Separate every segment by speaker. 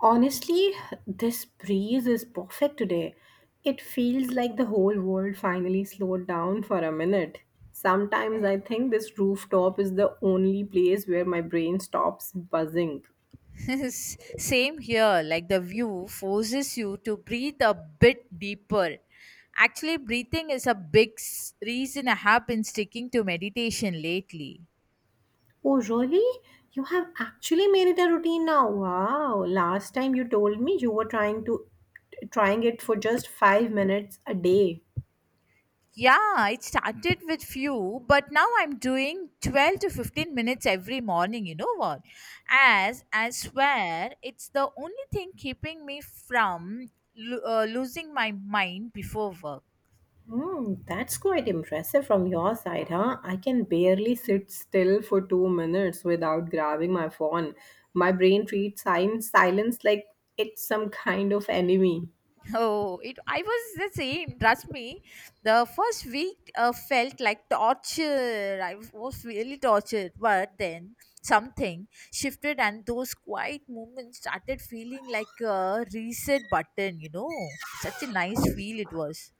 Speaker 1: Honestly, this breeze is perfect today. It feels like the whole world finally slowed down for a minute. Sometimes I think this rooftop is the only place where my brain stops buzzing.
Speaker 2: Same here, like the view forces you to breathe a bit deeper. Actually, breathing is a big reason I have been sticking to meditation lately.
Speaker 1: Oh, really? You have actually made it a routine now. Wow. Last time you told me you were trying it for just 5 minutes a day.
Speaker 2: Yeah, it started with few, but now I'm doing 12 to 15 minutes every morning, you know what? As I swear, it's the only thing keeping me from losing my mind before work.
Speaker 1: Hmm, that's quite impressive from your side, huh? I can barely sit still for 2 minutes without grabbing my phone. My brain treats silence like it's some kind of enemy.
Speaker 2: Oh, it, I was the same. Trust me, the first week felt like torture. I was really tortured, but then something shifted, and those quiet moments started feeling like a reset button. Such a nice feel it was.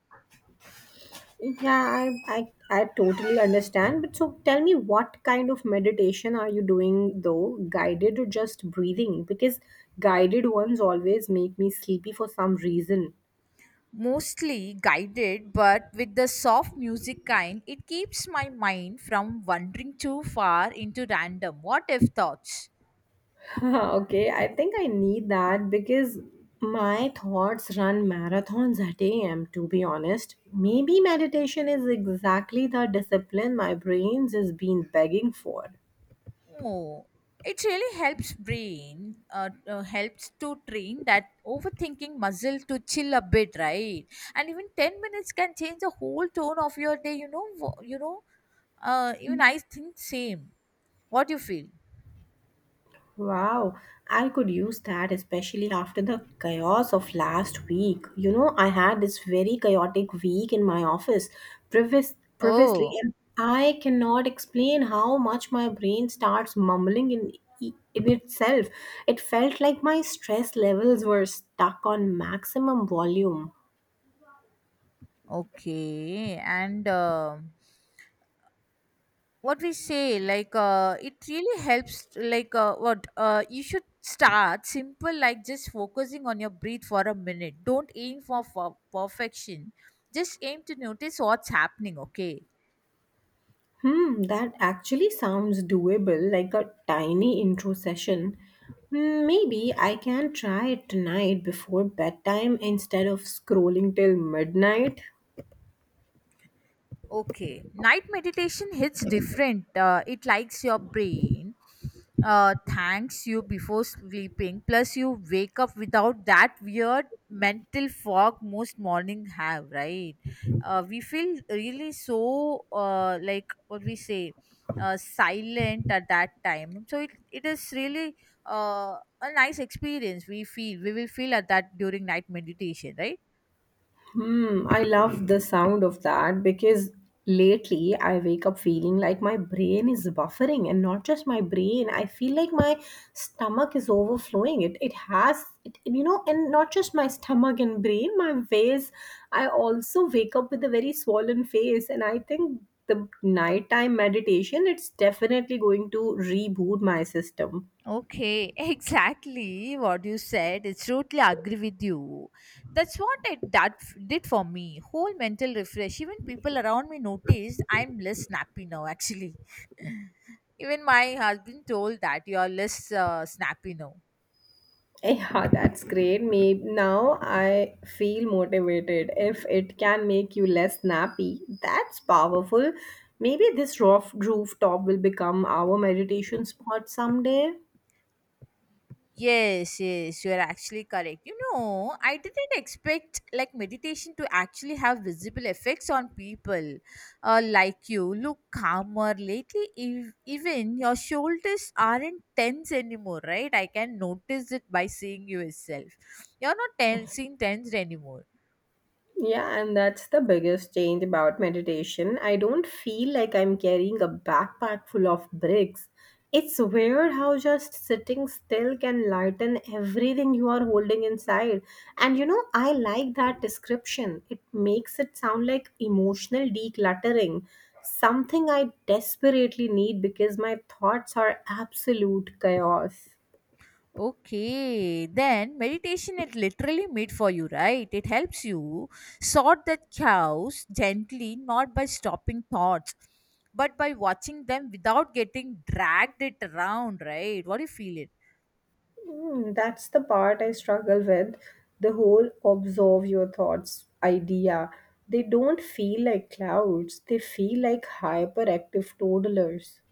Speaker 1: Yeah, I totally understand. But so tell me, what kind of meditation are you doing though? Guided or just breathing? Because guided ones always make me sleepy for some reason.
Speaker 2: Mostly guided, but with the soft music kind, it keeps my mind from wandering too far into random what if thoughts.
Speaker 1: Okay, I think I need that because my thoughts run marathons at AM, to be honest. Maybe meditation is exactly the discipline my brains has been begging for.
Speaker 2: Oh, it really helps brain, helps to train that overthinking muscle to chill a bit, right? And even 10 minutes can change the whole tone of your day, even I think same. What do you feel?
Speaker 1: Wow, I could use that especially after the chaos of last week. You know, I had this very chaotic week in my office previously,
Speaker 2: Oh,
Speaker 1: and I cannot explain how much my brain starts mumbling in itself. It felt like my stress levels were stuck on maximum volume.
Speaker 2: okay. And what we say like it really helps like what you should start simple like just focusing on your breath for a minute, don't aim for perfection, just aim to notice what's happening. Okay
Speaker 1: Hmm, that actually sounds doable, like a tiny intro session. Hmm, maybe I can try it tonight before bedtime instead of scrolling till midnight.
Speaker 2: Okay, night meditation hits different. It likes your brain, thanks you before sleeping. Plus, you wake up without that weird mental fog most morning have. Right? We feel really so like what we say, silent at that time. So it is really uh, a nice experience. We will feel at that during night meditation, right?
Speaker 1: Hmm, I love the sound of that because lately I wake up feeling like my brain is buffering and not just my brain. I feel like my stomach is overflowing. It has it, you know, and not just my stomach and brain, my face. I also wake up with a very swollen face and I think the nighttime meditation it's definitely going to reboot my system.
Speaker 2: Okay, exactly what you said. It's totally agree with you. That's what it that did for me. Whole mental refresh. Even people around me noticed I'm less snappy now. Actually, even my husband told that you are less snappy now.
Speaker 1: Yeah, that's great. Maybe now I feel motivated. If it can make you less snappy, that's powerful. Maybe this rooftop will become our meditation spot someday.
Speaker 2: Yes, you are actually correct. You know, I didn't expect like meditation to actually have visible effects on people like you. Look calmer lately. Even your shoulders aren't tense anymore, right? I can notice it by seeing you itself. You're not seeing tense anymore.
Speaker 1: Yeah, and that's the biggest change about meditation. I don't feel like I'm carrying a backpack full of bricks. It's weird how just sitting still can lighten everything you are holding inside. And you know, I like that description. It makes it sound like emotional decluttering, something I desperately need because my thoughts are absolute chaos.
Speaker 2: Okay, then meditation it literally made for you, right? It helps you sort the chaos gently, not by stopping thoughts, but by watching them without getting dragged it around, right? What do you feel it?
Speaker 1: Hmm, that's the part I struggle with. The whole observe your thoughts idea. They don't feel like clouds, they feel like hyperactive toddlers.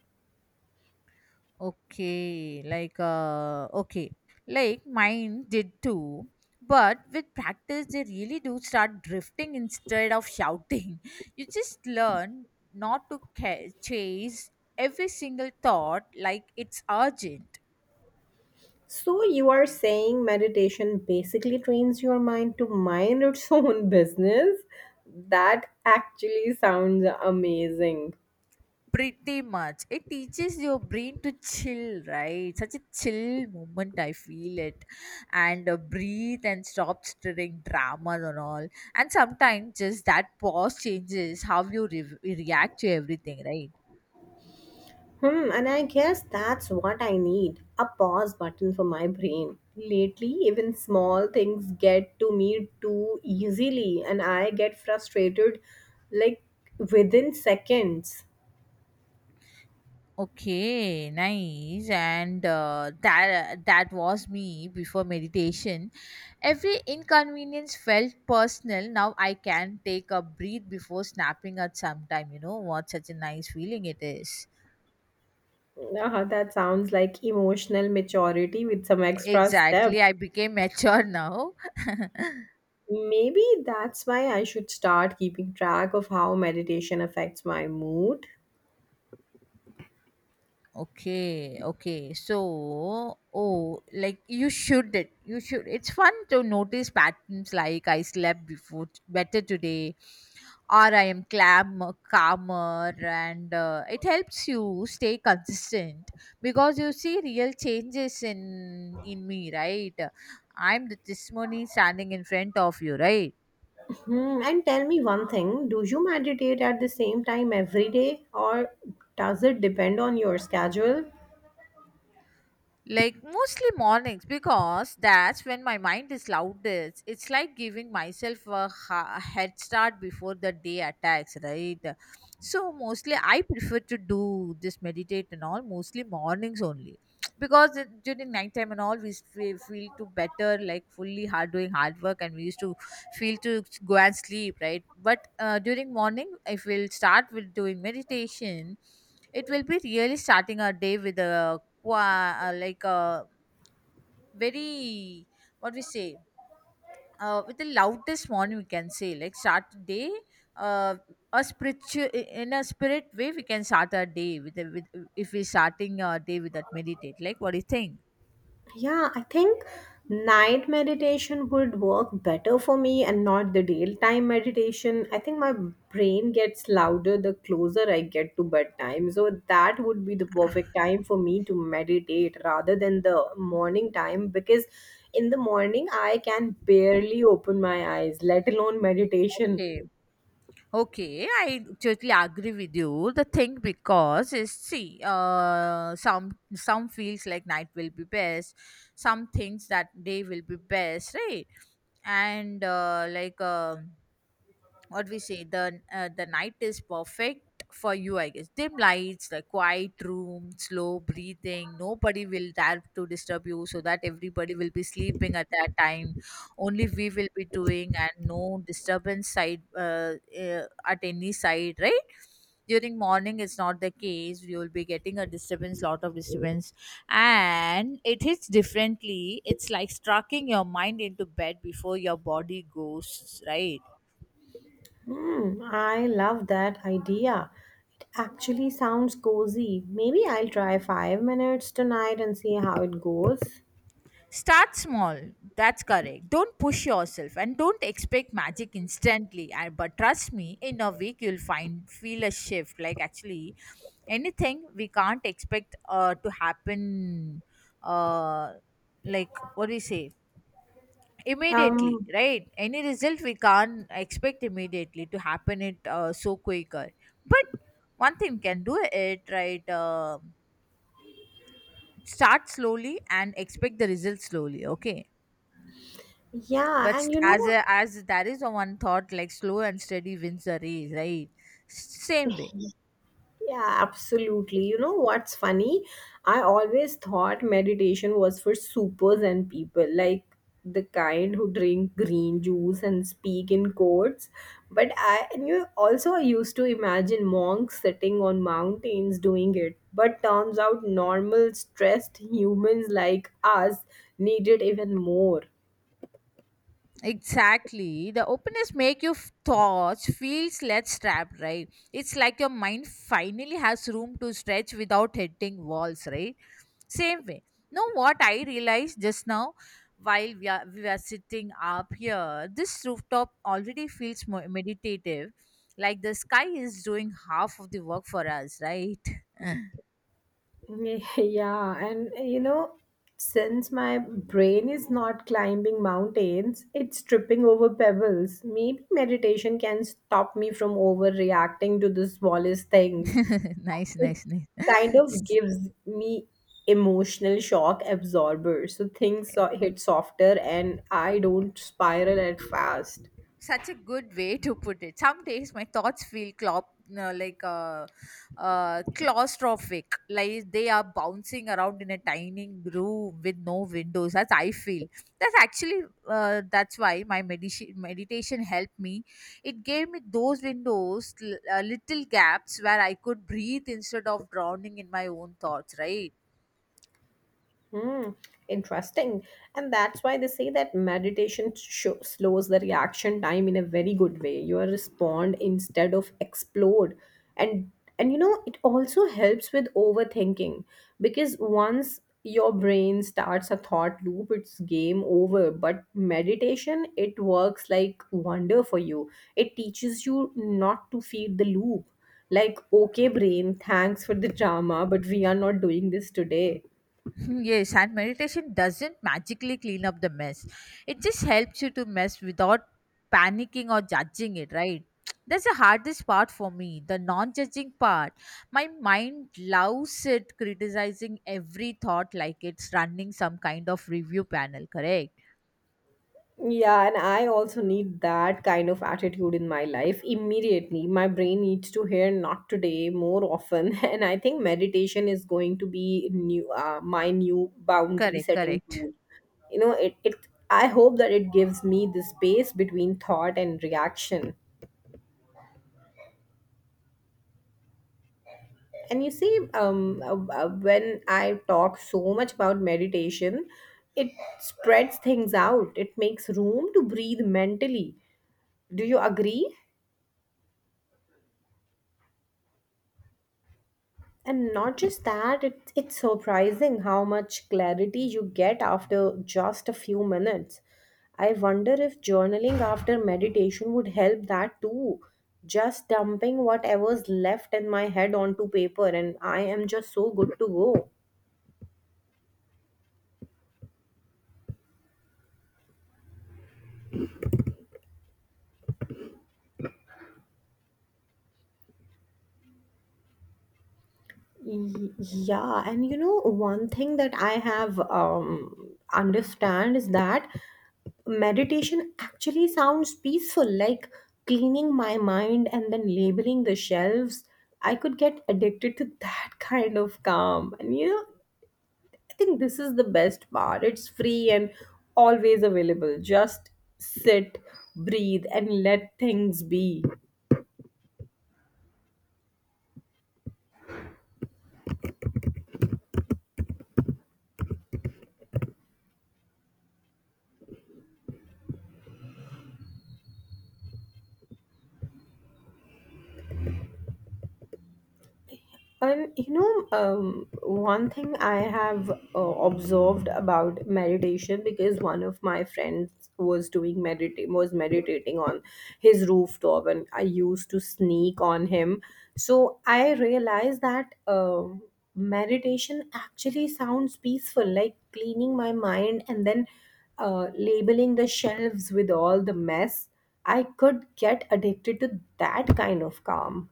Speaker 2: Okay. Like mine did too. But with practice they really do start drifting instead of shouting. You just learn not to chase every single thought like it's urgent.
Speaker 1: So, you are saying meditation basically trains your mind to mind its own business? That actually sounds amazing.
Speaker 2: Pretty much. It teaches your brain to chill, right? Such a chill moment, I feel it. And breathe and stop stirring dramas and all. And sometimes just that pause changes how you react to everything, right?
Speaker 1: Hmm, and I guess that's what I need, a pause button for my brain. Lately, even small things get to me too easily, and I get frustrated like within seconds.
Speaker 2: Okay, nice. And that was me before meditation. Every inconvenience felt personal. Now I can take a breath before snapping at sometime. You know what? Such a nice feeling it is.
Speaker 1: Ah, that sounds like emotional maturity with some extra steps.
Speaker 2: Exactly, I became mature now.
Speaker 1: Maybe that's why I should start keeping track of how meditation affects my mood.
Speaker 2: Okay. So, oh, like you should it. You should. It's fun to notice patterns like I slept better today, or I am clam calmer, and it helps you stay consistent because you see real changes in me, right? I'm the testimony standing in front of you, right?
Speaker 1: Hmm, and tell me one thing, do you meditate at the same time every day or does it depend on your schedule?
Speaker 2: Like mostly mornings because that's when my mind is loudest. It's like giving myself a head start before the day attacks, right? So mostly I prefer to do this meditate and all mostly mornings only because during nighttime and all we feel to better like fully hard doing hard work and we used to feel to go and sleep, right? But during morning if we'll start with doing meditation, it will be really starting our day with a wa- uh, like uh, very what we say with the loudest morning we can say like start the day uh, a spiritual in a spirit way we can start our day with, a, with if we're starting our day with that meditate, like what do you think?
Speaker 1: Yeah, I think night meditation would work better for me and not the daytime meditation. I think my brain gets louder the closer I get to bedtime. So that would be the perfect time for me to meditate rather than the morning time because in the morning I can barely open my eyes, let alone meditation.
Speaker 2: Okay, okay, I totally agree with you. The thing because is see some feels like night will be best, some things that day will be best, right? And what we say, the night is perfect for you, I guess. Dim lights, the quiet room, slow breathing, nobody will dare to disturb you, so that everybody will be sleeping at that time, only we will be doing, and no disturbance side uh, at any side, right? During morning it's not the case, you will be getting a disturbance, lot of disturbance, and it hits differently, it's like striking your mind into bed before your body goes, right?
Speaker 1: Hmm, I love that idea. It actually sounds cozy. Maybe I'll try 5 minutes tonight and see how it goes.
Speaker 2: Start small. That's correct. Don't push yourself and don't expect magic instantly. And but trust me, in a week you'll find feel a shift. Like actually, anything we can't expect to happen. Uh, like what do you say? Immediately,
Speaker 1: Um,
Speaker 2: right? Any result we can't expect immediately to happen it so quicker. But one thing can do it, right. Start slowly and expect the result slowly. Okay, but
Speaker 1: yeah, and you
Speaker 2: as
Speaker 1: know,
Speaker 2: a, as there is a one thought like slow and steady wins the race, right? Same way.
Speaker 1: yeah, absolutely. You know what's funny? I always thought meditation was for supers and people, like the kind who drink green juice and speak in codes. But I and you also, I used to imagine monks sitting on mountains doing it. But turns out normal stressed humans like us need it even more.
Speaker 2: Exactly, the openness make your thoughts feels less trapped, right? It's like your mind finally has room to stretch without hitting walls, right? Same way. Know what I realized just now, while we are sitting up here, this rooftop already feels more meditative, like the sky is doing half of the work for us, right?
Speaker 1: Yeah, and you know, since my brain is not climbing mountains, it's tripping over pebbles. Maybe meditation can stop me from overreacting to the smallest things.
Speaker 2: Nice,
Speaker 1: It
Speaker 2: nice, nice.
Speaker 1: kind of
Speaker 2: S-
Speaker 1: gives me emotional shock absorber, so things hit softer and I don't spiral at fast.
Speaker 2: Such a good way to put it. Some days my thoughts feel clop, no, like claustrophic, like they are bouncing around in a tiny room with no windows. That's I feel. That's actually that's why my meditation helped me. It gave me those windows, little gaps where I could breathe instead of drowning in my own thoughts. Right.
Speaker 1: Hmm, interesting. And that's why they say that meditation sho slows the reaction time in a very good way. You are respond instead of explode. And and you know, it also helps with overthinking because once your brain starts a thought loop, it's game over. But meditation, it works like wonder for you. It teaches you not to feed the loop. Like, okay, brain, thanks for the drama, but we are not doing this today.
Speaker 2: Yes, and meditation doesn't magically clean up the mess. It just helps you to mess without panicking or judging it, right? That's the hardest part for me, the non judging part. My mind loves it criticizing every thought like it's running some kind of review panel, correct?
Speaker 1: Yeah, and I also need that kind of attitude in my life immediately. My brain needs to hear not today more often. And I think meditation is going to be new my new boundary
Speaker 2: Correct,
Speaker 1: setting
Speaker 2: correct.
Speaker 1: tool. You know, it, I hope that it gives me the space between thought and reaction. And you see, when I talk so much about meditation, it spreads things out. It makes room to breathe mentally. Do you agree? And not just that, it's surprising how much clarity you get after just a few minutes. I wonder if journaling after meditation would help that too. Just dumping whatever's left in my head onto paper, and I am just so good to go. Yeah, and you know, one thing that I have understand is that meditation actually sounds peaceful, like cleaning my mind and then labeling the shelves. I could get addicted to that kind of calm. And you know, I think this is the best part. It's free and always available. Just sit, breathe, and let things be. And you know, one thing I have observed about meditation because one of my friends was doing meditate was meditating on his rooftop, and I used to sneak on him. So I realized that meditation actually sounds peaceful, like cleaning my mind and then labeling the shelves with all the mess. I could get addicted to that kind of calm.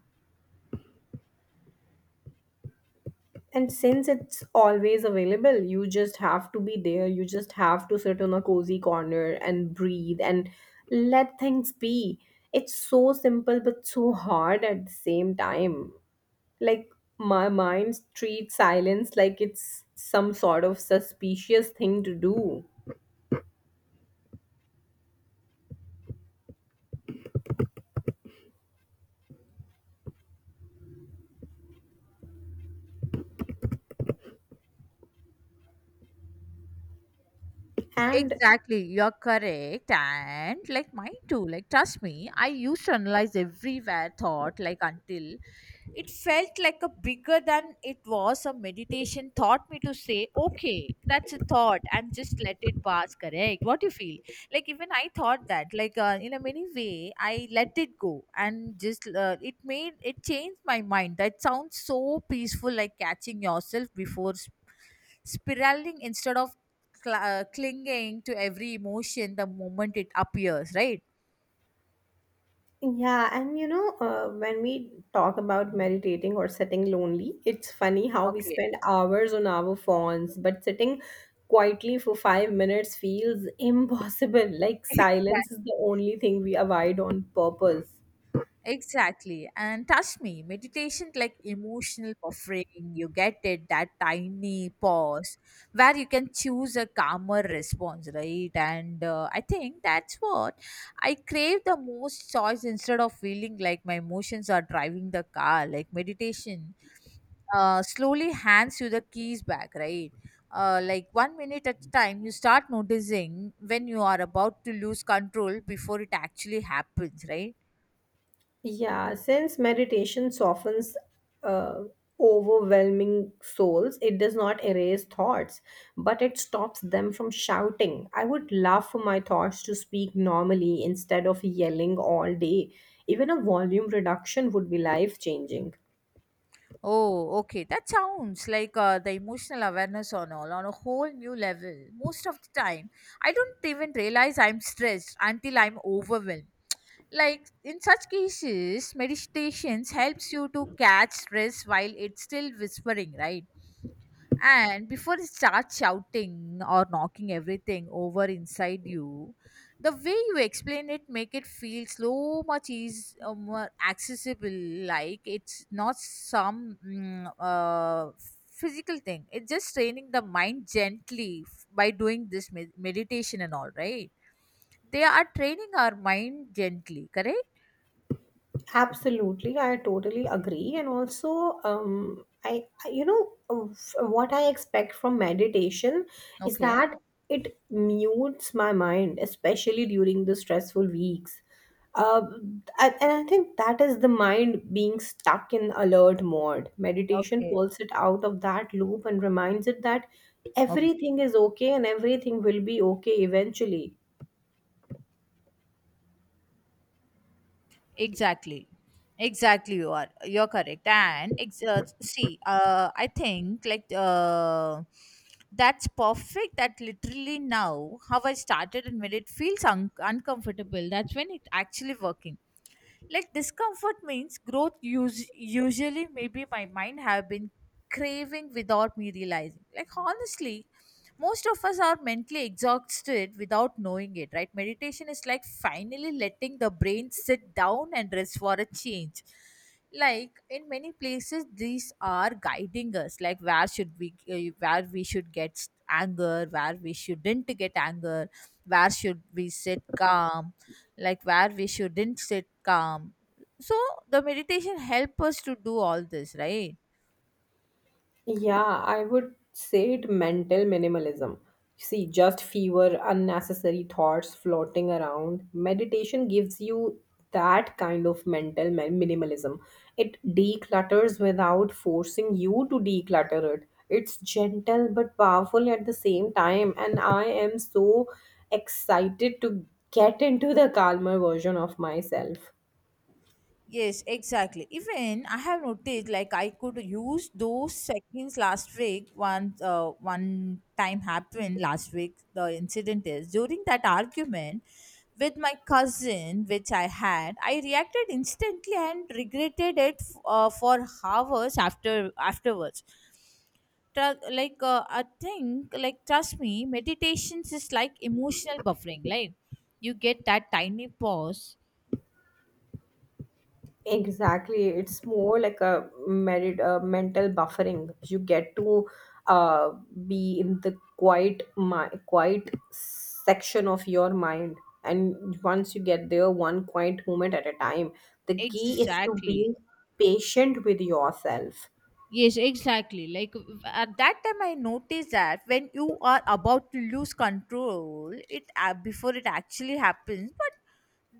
Speaker 1: And since it's always available, you just have to be there. You just have to sit on a cozy corner and breathe and let things be. It's so simple but so hard at the same time. Like, my mind treats silence like it's some sort of suspicious thing to do. And
Speaker 2: Exactly, you're correct. And like mine too, like trust me, I used to analyze everywhere thought, like until it felt like a bigger than it was a meditation taught me to say, okay, that's a thought and just let it pass, correct? What you feel? Like even I thought that, like in a many way, I let it go and just it made it changed my mind. That sounds so peaceful, like catching yourself before spiraling instead of clinging to every emotion the moment it appears, right?
Speaker 1: yeah, and you know, when we talk about meditating or sitting lonely, it's funny how we
Speaker 2: Okay.
Speaker 1: spend hours on our phones, but sitting quietly for 5 minutes feels impossible. Like silence
Speaker 2: Exactly.
Speaker 1: is the only thing we avoid on purpose.
Speaker 2: Exactly. And trust me, meditation like emotional buffering, you get it, that tiny pause where you can choose a calmer response, right? And I think that's what I crave the most, choice instead of feeling like my emotions are driving the car. Like meditation slowly hands you the keys back, right? Like 1 minute at a time, you start noticing when you are about to lose control before it actually happens, right?
Speaker 1: Yeah, since meditation softens uh, overwhelming souls, it does not erase thoughts, but it stops them from shouting. I would love for my thoughts to speak normally instead of yelling all day. Even a volume reduction would be life changing.
Speaker 2: Oh, okay. That sounds like the emotional awareness on all on a whole new level. Most of the time, I don't even realize I'm stressed until I'm overwhelmed. Like in such cases, meditations helps you to catch stress while it's still whispering, right? And before it starts shouting or knocking everything over inside you, the way you explain it make it feel so much is more accessible. Like it's not some physical thing. It's just training the mind gently by doing this meditation and all. Right? They are training our mind gently. Correct?
Speaker 1: Absolutely, I totally agree. And also, I you know, what I expect from meditation is
Speaker 2: Okay.
Speaker 1: that it mutes my mind, especially during the stressful weeks. Uh, and I think that is the mind being stuck in alert mode. Meditation pulls it out of that loop and reminds it that
Speaker 2: Okay.
Speaker 1: everything is okay and everything will be okay eventually.
Speaker 2: Exactly. Exactly, you are. You're correct. And see, I think that's perfect. That literally now how I started and made it feels uncomfortable. That's when it actually working, like discomfort means growth, usually maybe my mind have been craving without me realizing. Like honestly, most of us are mentally exhausted without knowing it, right? Meditation is like finally letting the brain sit down and rest for a change. Like in many places these are guiding us like where should we where we should get anger, where we shouldn't get anger, where should we sit calm, like where we shouldn't sit calm. So the meditation help us to do all this, right?
Speaker 1: Yeah, I would say it mental minimalism. See, just fewer unnecessary thoughts floating around. Meditation gives you that kind of mental minimalism. It declutters without forcing you to declutter it. It's gentle but powerful at the same time, and I am so excited to get into the calmer version of myself.
Speaker 2: Yes, exactly. Even I have noticed like I could use those seconds last week. Once one time happened last week. The incident is during that argument with my cousin, which I had. I reacted instantly and regretted it for hours afterwards. Tru- like I think like Trust me, meditations is like emotional buffering, like you get that tiny pause,
Speaker 1: Exactly. It's more like a mental buffering. You get to uh, be in the quiet, quiet section of your mind. And once you get there, one quiet moment at a time. The key is to
Speaker 2: exactly.
Speaker 1: be patient with yourself.
Speaker 2: Yes, exactly, like at that time I noticed that when you are about to lose control, it before it actually happens. But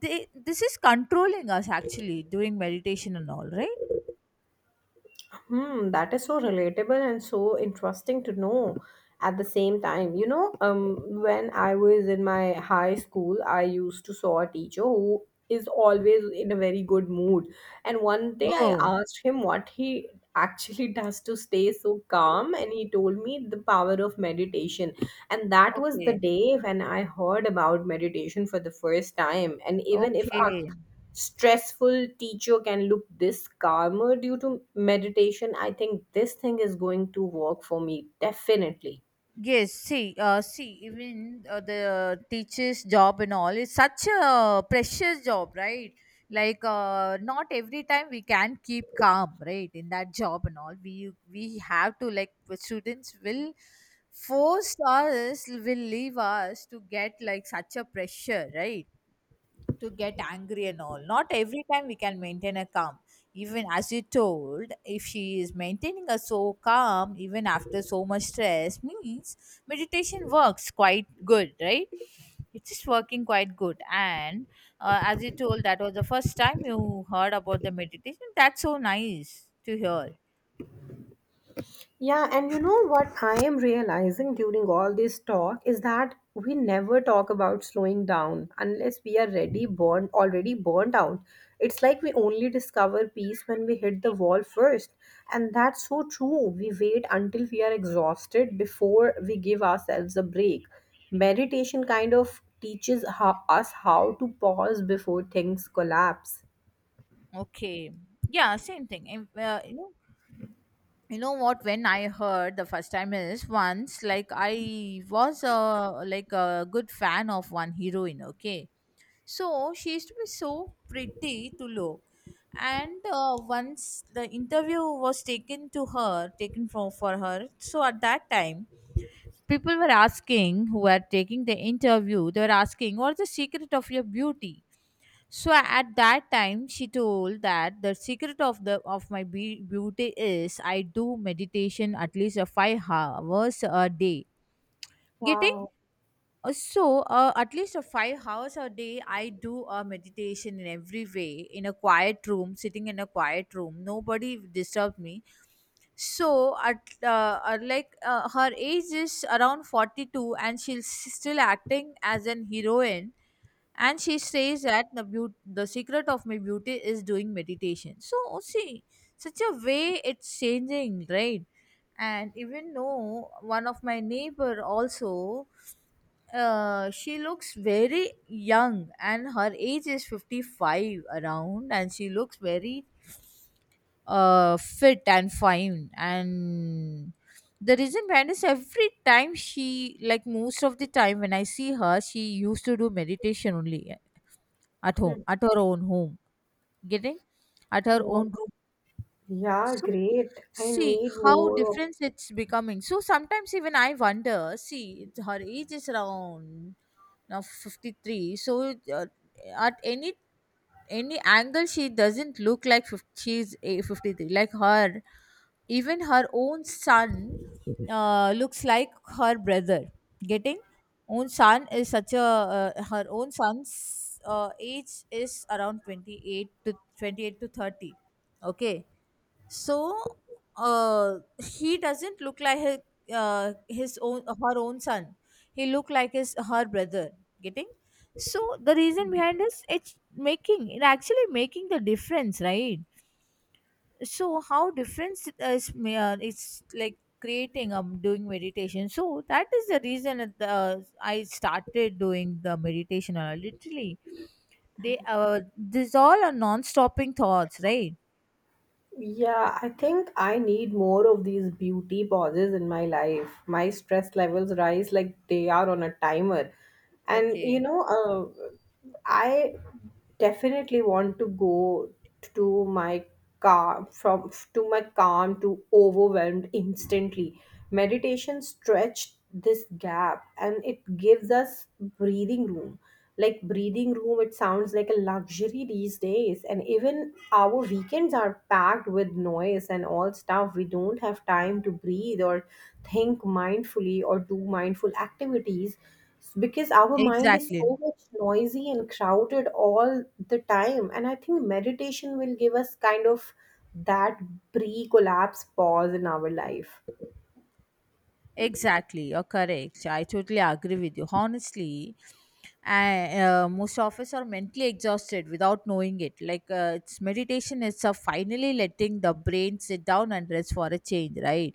Speaker 2: this is controlling us actually during meditation and all, right?
Speaker 1: Hmm, that is so relatable and so interesting to know at the same time. You know, when I was in my high school, I used to saw a teacher who is always in a very good mood. And one day I
Speaker 2: Oh,
Speaker 1: asked him what he actually does to stay so calm, and he told me the power of meditation. And that was the
Speaker 2: okay.
Speaker 1: day when I heard about meditation for the first time. And even if I
Speaker 2: Okay.
Speaker 1: stressful teacher can look this calmer due to meditation, I think this thing is going to work for me definitely.
Speaker 2: Yes, see, see, even the teacher's job and all is such a precious job, right? Like, not every time we can keep calm, right? In that job and all, we have to, like, the students will force us, will leave us to get like such a pressure, right? To get angry and all. Not every time we can maintain a calm. Even as you told, if she is maintaining a so calm even after so much stress, means meditation works quite good, right? It's just working quite good. And as you told, that was the first time you heard about the meditation. That's so nice to hear.
Speaker 1: Yeah, and you know what I am realizing during all this talk is that we never talk about slowing down unless we are ready born already burnt out. It's like we only discover peace when we hit the wall first. And that's so true. We wait until we are exhausted before we give ourselves a break. Meditation kind of teaches us how to pause before things collapse.
Speaker 2: Okay. Yeah, same thing. And, you know what, when I heard the first time is, once, like, I was a, like, a good fan of one heroine. Okay, so she used to be so pretty to look. And once the interview was taken to her, taken for her, so at that time people were asking, who were taking the interview, they were asking, what's the secret of your beauty? So at that time, she told that the secret of the of my beauty is I do meditation at least a 5 hours a day. Getting.
Speaker 1: Wow.
Speaker 2: So at least a 5 hours a day, I do a meditation in every way, in a quiet room, sitting in a quiet room. Nobody disturbed me. So at like her age is around 42, and she's still acting as an heroine, and she says that the the secret of my beauty is doing meditation. So see, such a way it's changing, right? And even though one of my neighbor also, she looks very young and her age is 55 around, and she looks very fit and fine. And the reason behind is every time she, like most of the time when I see her, she used to do meditation only at home,
Speaker 1: Mm.
Speaker 2: at her own home. Getting. At her
Speaker 1: Wow.
Speaker 2: own room.
Speaker 1: Yeah,
Speaker 2: So,
Speaker 1: great. I
Speaker 2: see
Speaker 1: need
Speaker 2: how
Speaker 1: more of
Speaker 2: different it's becoming. So, sometimes even I wonder, see, her age is around now 53. So, at any angle she doesn't look like 50, she's a 53, like her. Even her own son looks like her brother. Getting. Own son is such a her own son's age is around 28 to 30. Okay. So he doesn't look like his own her own son, he look like his her brother. Getting. So the reason behind this, it's making, it actually making the difference, right? So how difference is, it's like creating, doing meditation. So that is the reason that I started doing the meditation, literally. They these all are non-stopping thoughts, right?
Speaker 1: yeah, I think I need more of these beauty pauses in my life. My stress levels rise like they are on a timer. And
Speaker 2: Okay,
Speaker 1: you know, I definitely want to go to my calm to overwhelmed instantly. Meditation stretched this gap and it gives us breathing room, like breathing room, it sounds like a luxury these days, and even our weekends are packed with noise and all stuff. We don't have time to breathe or think mindfully or do mindful activities because our mind is
Speaker 2: exactly.
Speaker 1: so much noisy and crowded all the time, and I think meditation will give us kind of that pre collapse pause in our life.
Speaker 2: Exactly, you're correct. I totally agree with you. Honestly, most of us are mentally exhausted without knowing it. Like it's meditation is a finally letting the brain sit down and rest for a change, right?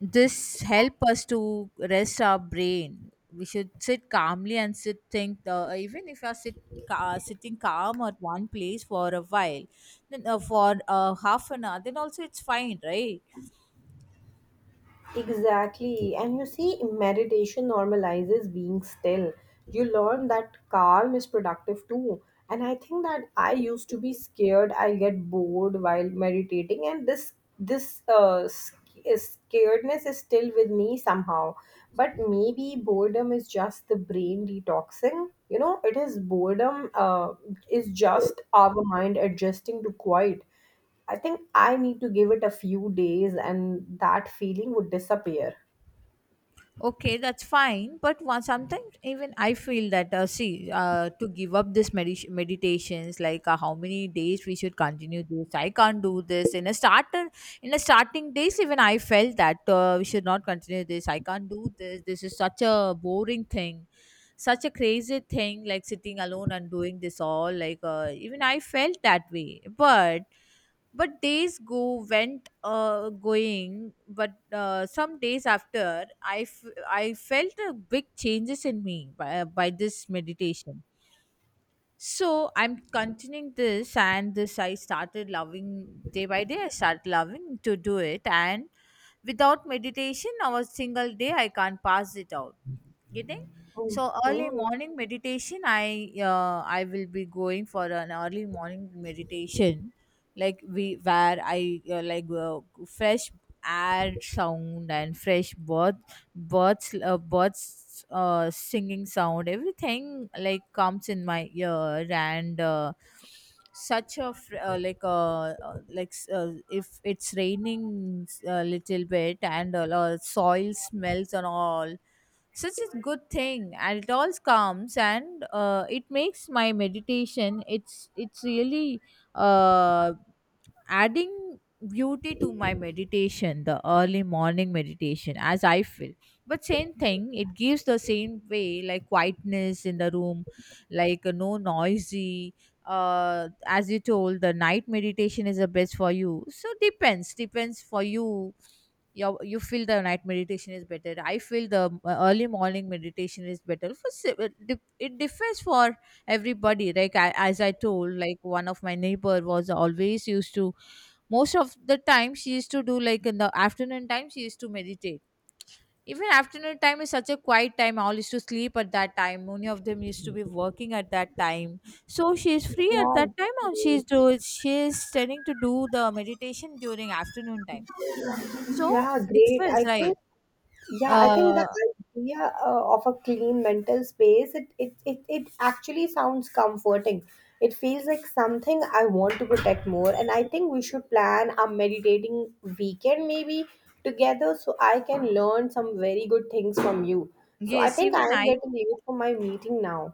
Speaker 2: This help us to rest our brain. We should sit calmly and sit think. Even if you are sitting calm at one place for a while, then for half an hour, then also it's fine, right?
Speaker 1: Exactly. And you see, meditation normalizes being still. You learn that calm is productive too. And I think that I used to be scared I'll get bored while meditating, and this this uh, sc- scaredness is still with me somehow. But maybe boredom is just the brain detoxing. You know, it is boredom is just our mind adjusting to quiet. I think I need to give it a few days and that feeling would disappear.
Speaker 2: Okay, that's fine. But one, sometimes even I feel that, see, to give up this meditations, like, how many days we should continue this. I can't do this. In a starter, in a starting days, even I felt that we should not continue this. I can't do this. This is such a boring thing, such a crazy thing, like sitting alone and doing this all. Like even I felt that way. But days go went going, but some days after I I felt a big changes in me by this meditation. So I'm continuing this, and this I started loving day by day, I started loving to do it. And without meditation or a single day I can't pass it out. Getting.
Speaker 1: Mhm.
Speaker 2: So early morning meditation, I will be going for an early morning meditation, like we where I like fresh air sound and fresh birds singing sound, everything, like comes in my ear. And such a if it's raining a little bit, and soil smells and all, such a good thing, it all calms. And it makes my meditation, it's really uh, adding beauty to my meditation, the early morning meditation, as I feel. But same thing, it gives the same way, like quietness in the room, like no noisy. As you told, the night meditation is the best for you, so depends, depends for you. Your, you feel the night meditation is better, I feel the early morning meditation is better, for it differs for everybody. Like I, as I told, like one of my neighbor was always used to, most of the time she used to do, like, in the afternoon time she used to meditate. Even afternoon time is such a quiet time, all used to sleep at that time, many of them used to be working at that time. So she is free at
Speaker 1: Yeah,
Speaker 2: that time, and she is
Speaker 1: great.
Speaker 2: do, she is tending to do the meditation during afternoon time. So
Speaker 1: Yeah, great.
Speaker 2: differs, right?
Speaker 1: Yeah, I think the
Speaker 2: uh
Speaker 1: idea of a clean mental space, it actually sounds comforting. It feels like something I want to protect more. And I think we should plan a meditating weekend maybe together so I can learn some very good things from you. So I
Speaker 2: yes,
Speaker 1: think I
Speaker 2: even
Speaker 1: am
Speaker 2: I.
Speaker 1: getting ready for my meeting now.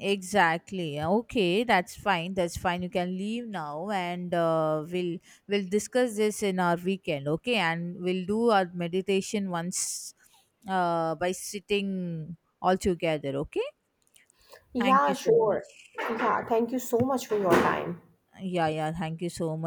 Speaker 2: Exactly. Okay, that's fine. That's fine. You can leave now, and we'll discuss this in our weekend. Okay, and we'll do our meditation once, by sitting all together. Okay. Thank
Speaker 1: Yeah,
Speaker 2: you so
Speaker 1: sure.
Speaker 2: much.
Speaker 1: Yeah, thank you so much for your time.
Speaker 2: Yeah, yeah. Thank you so much.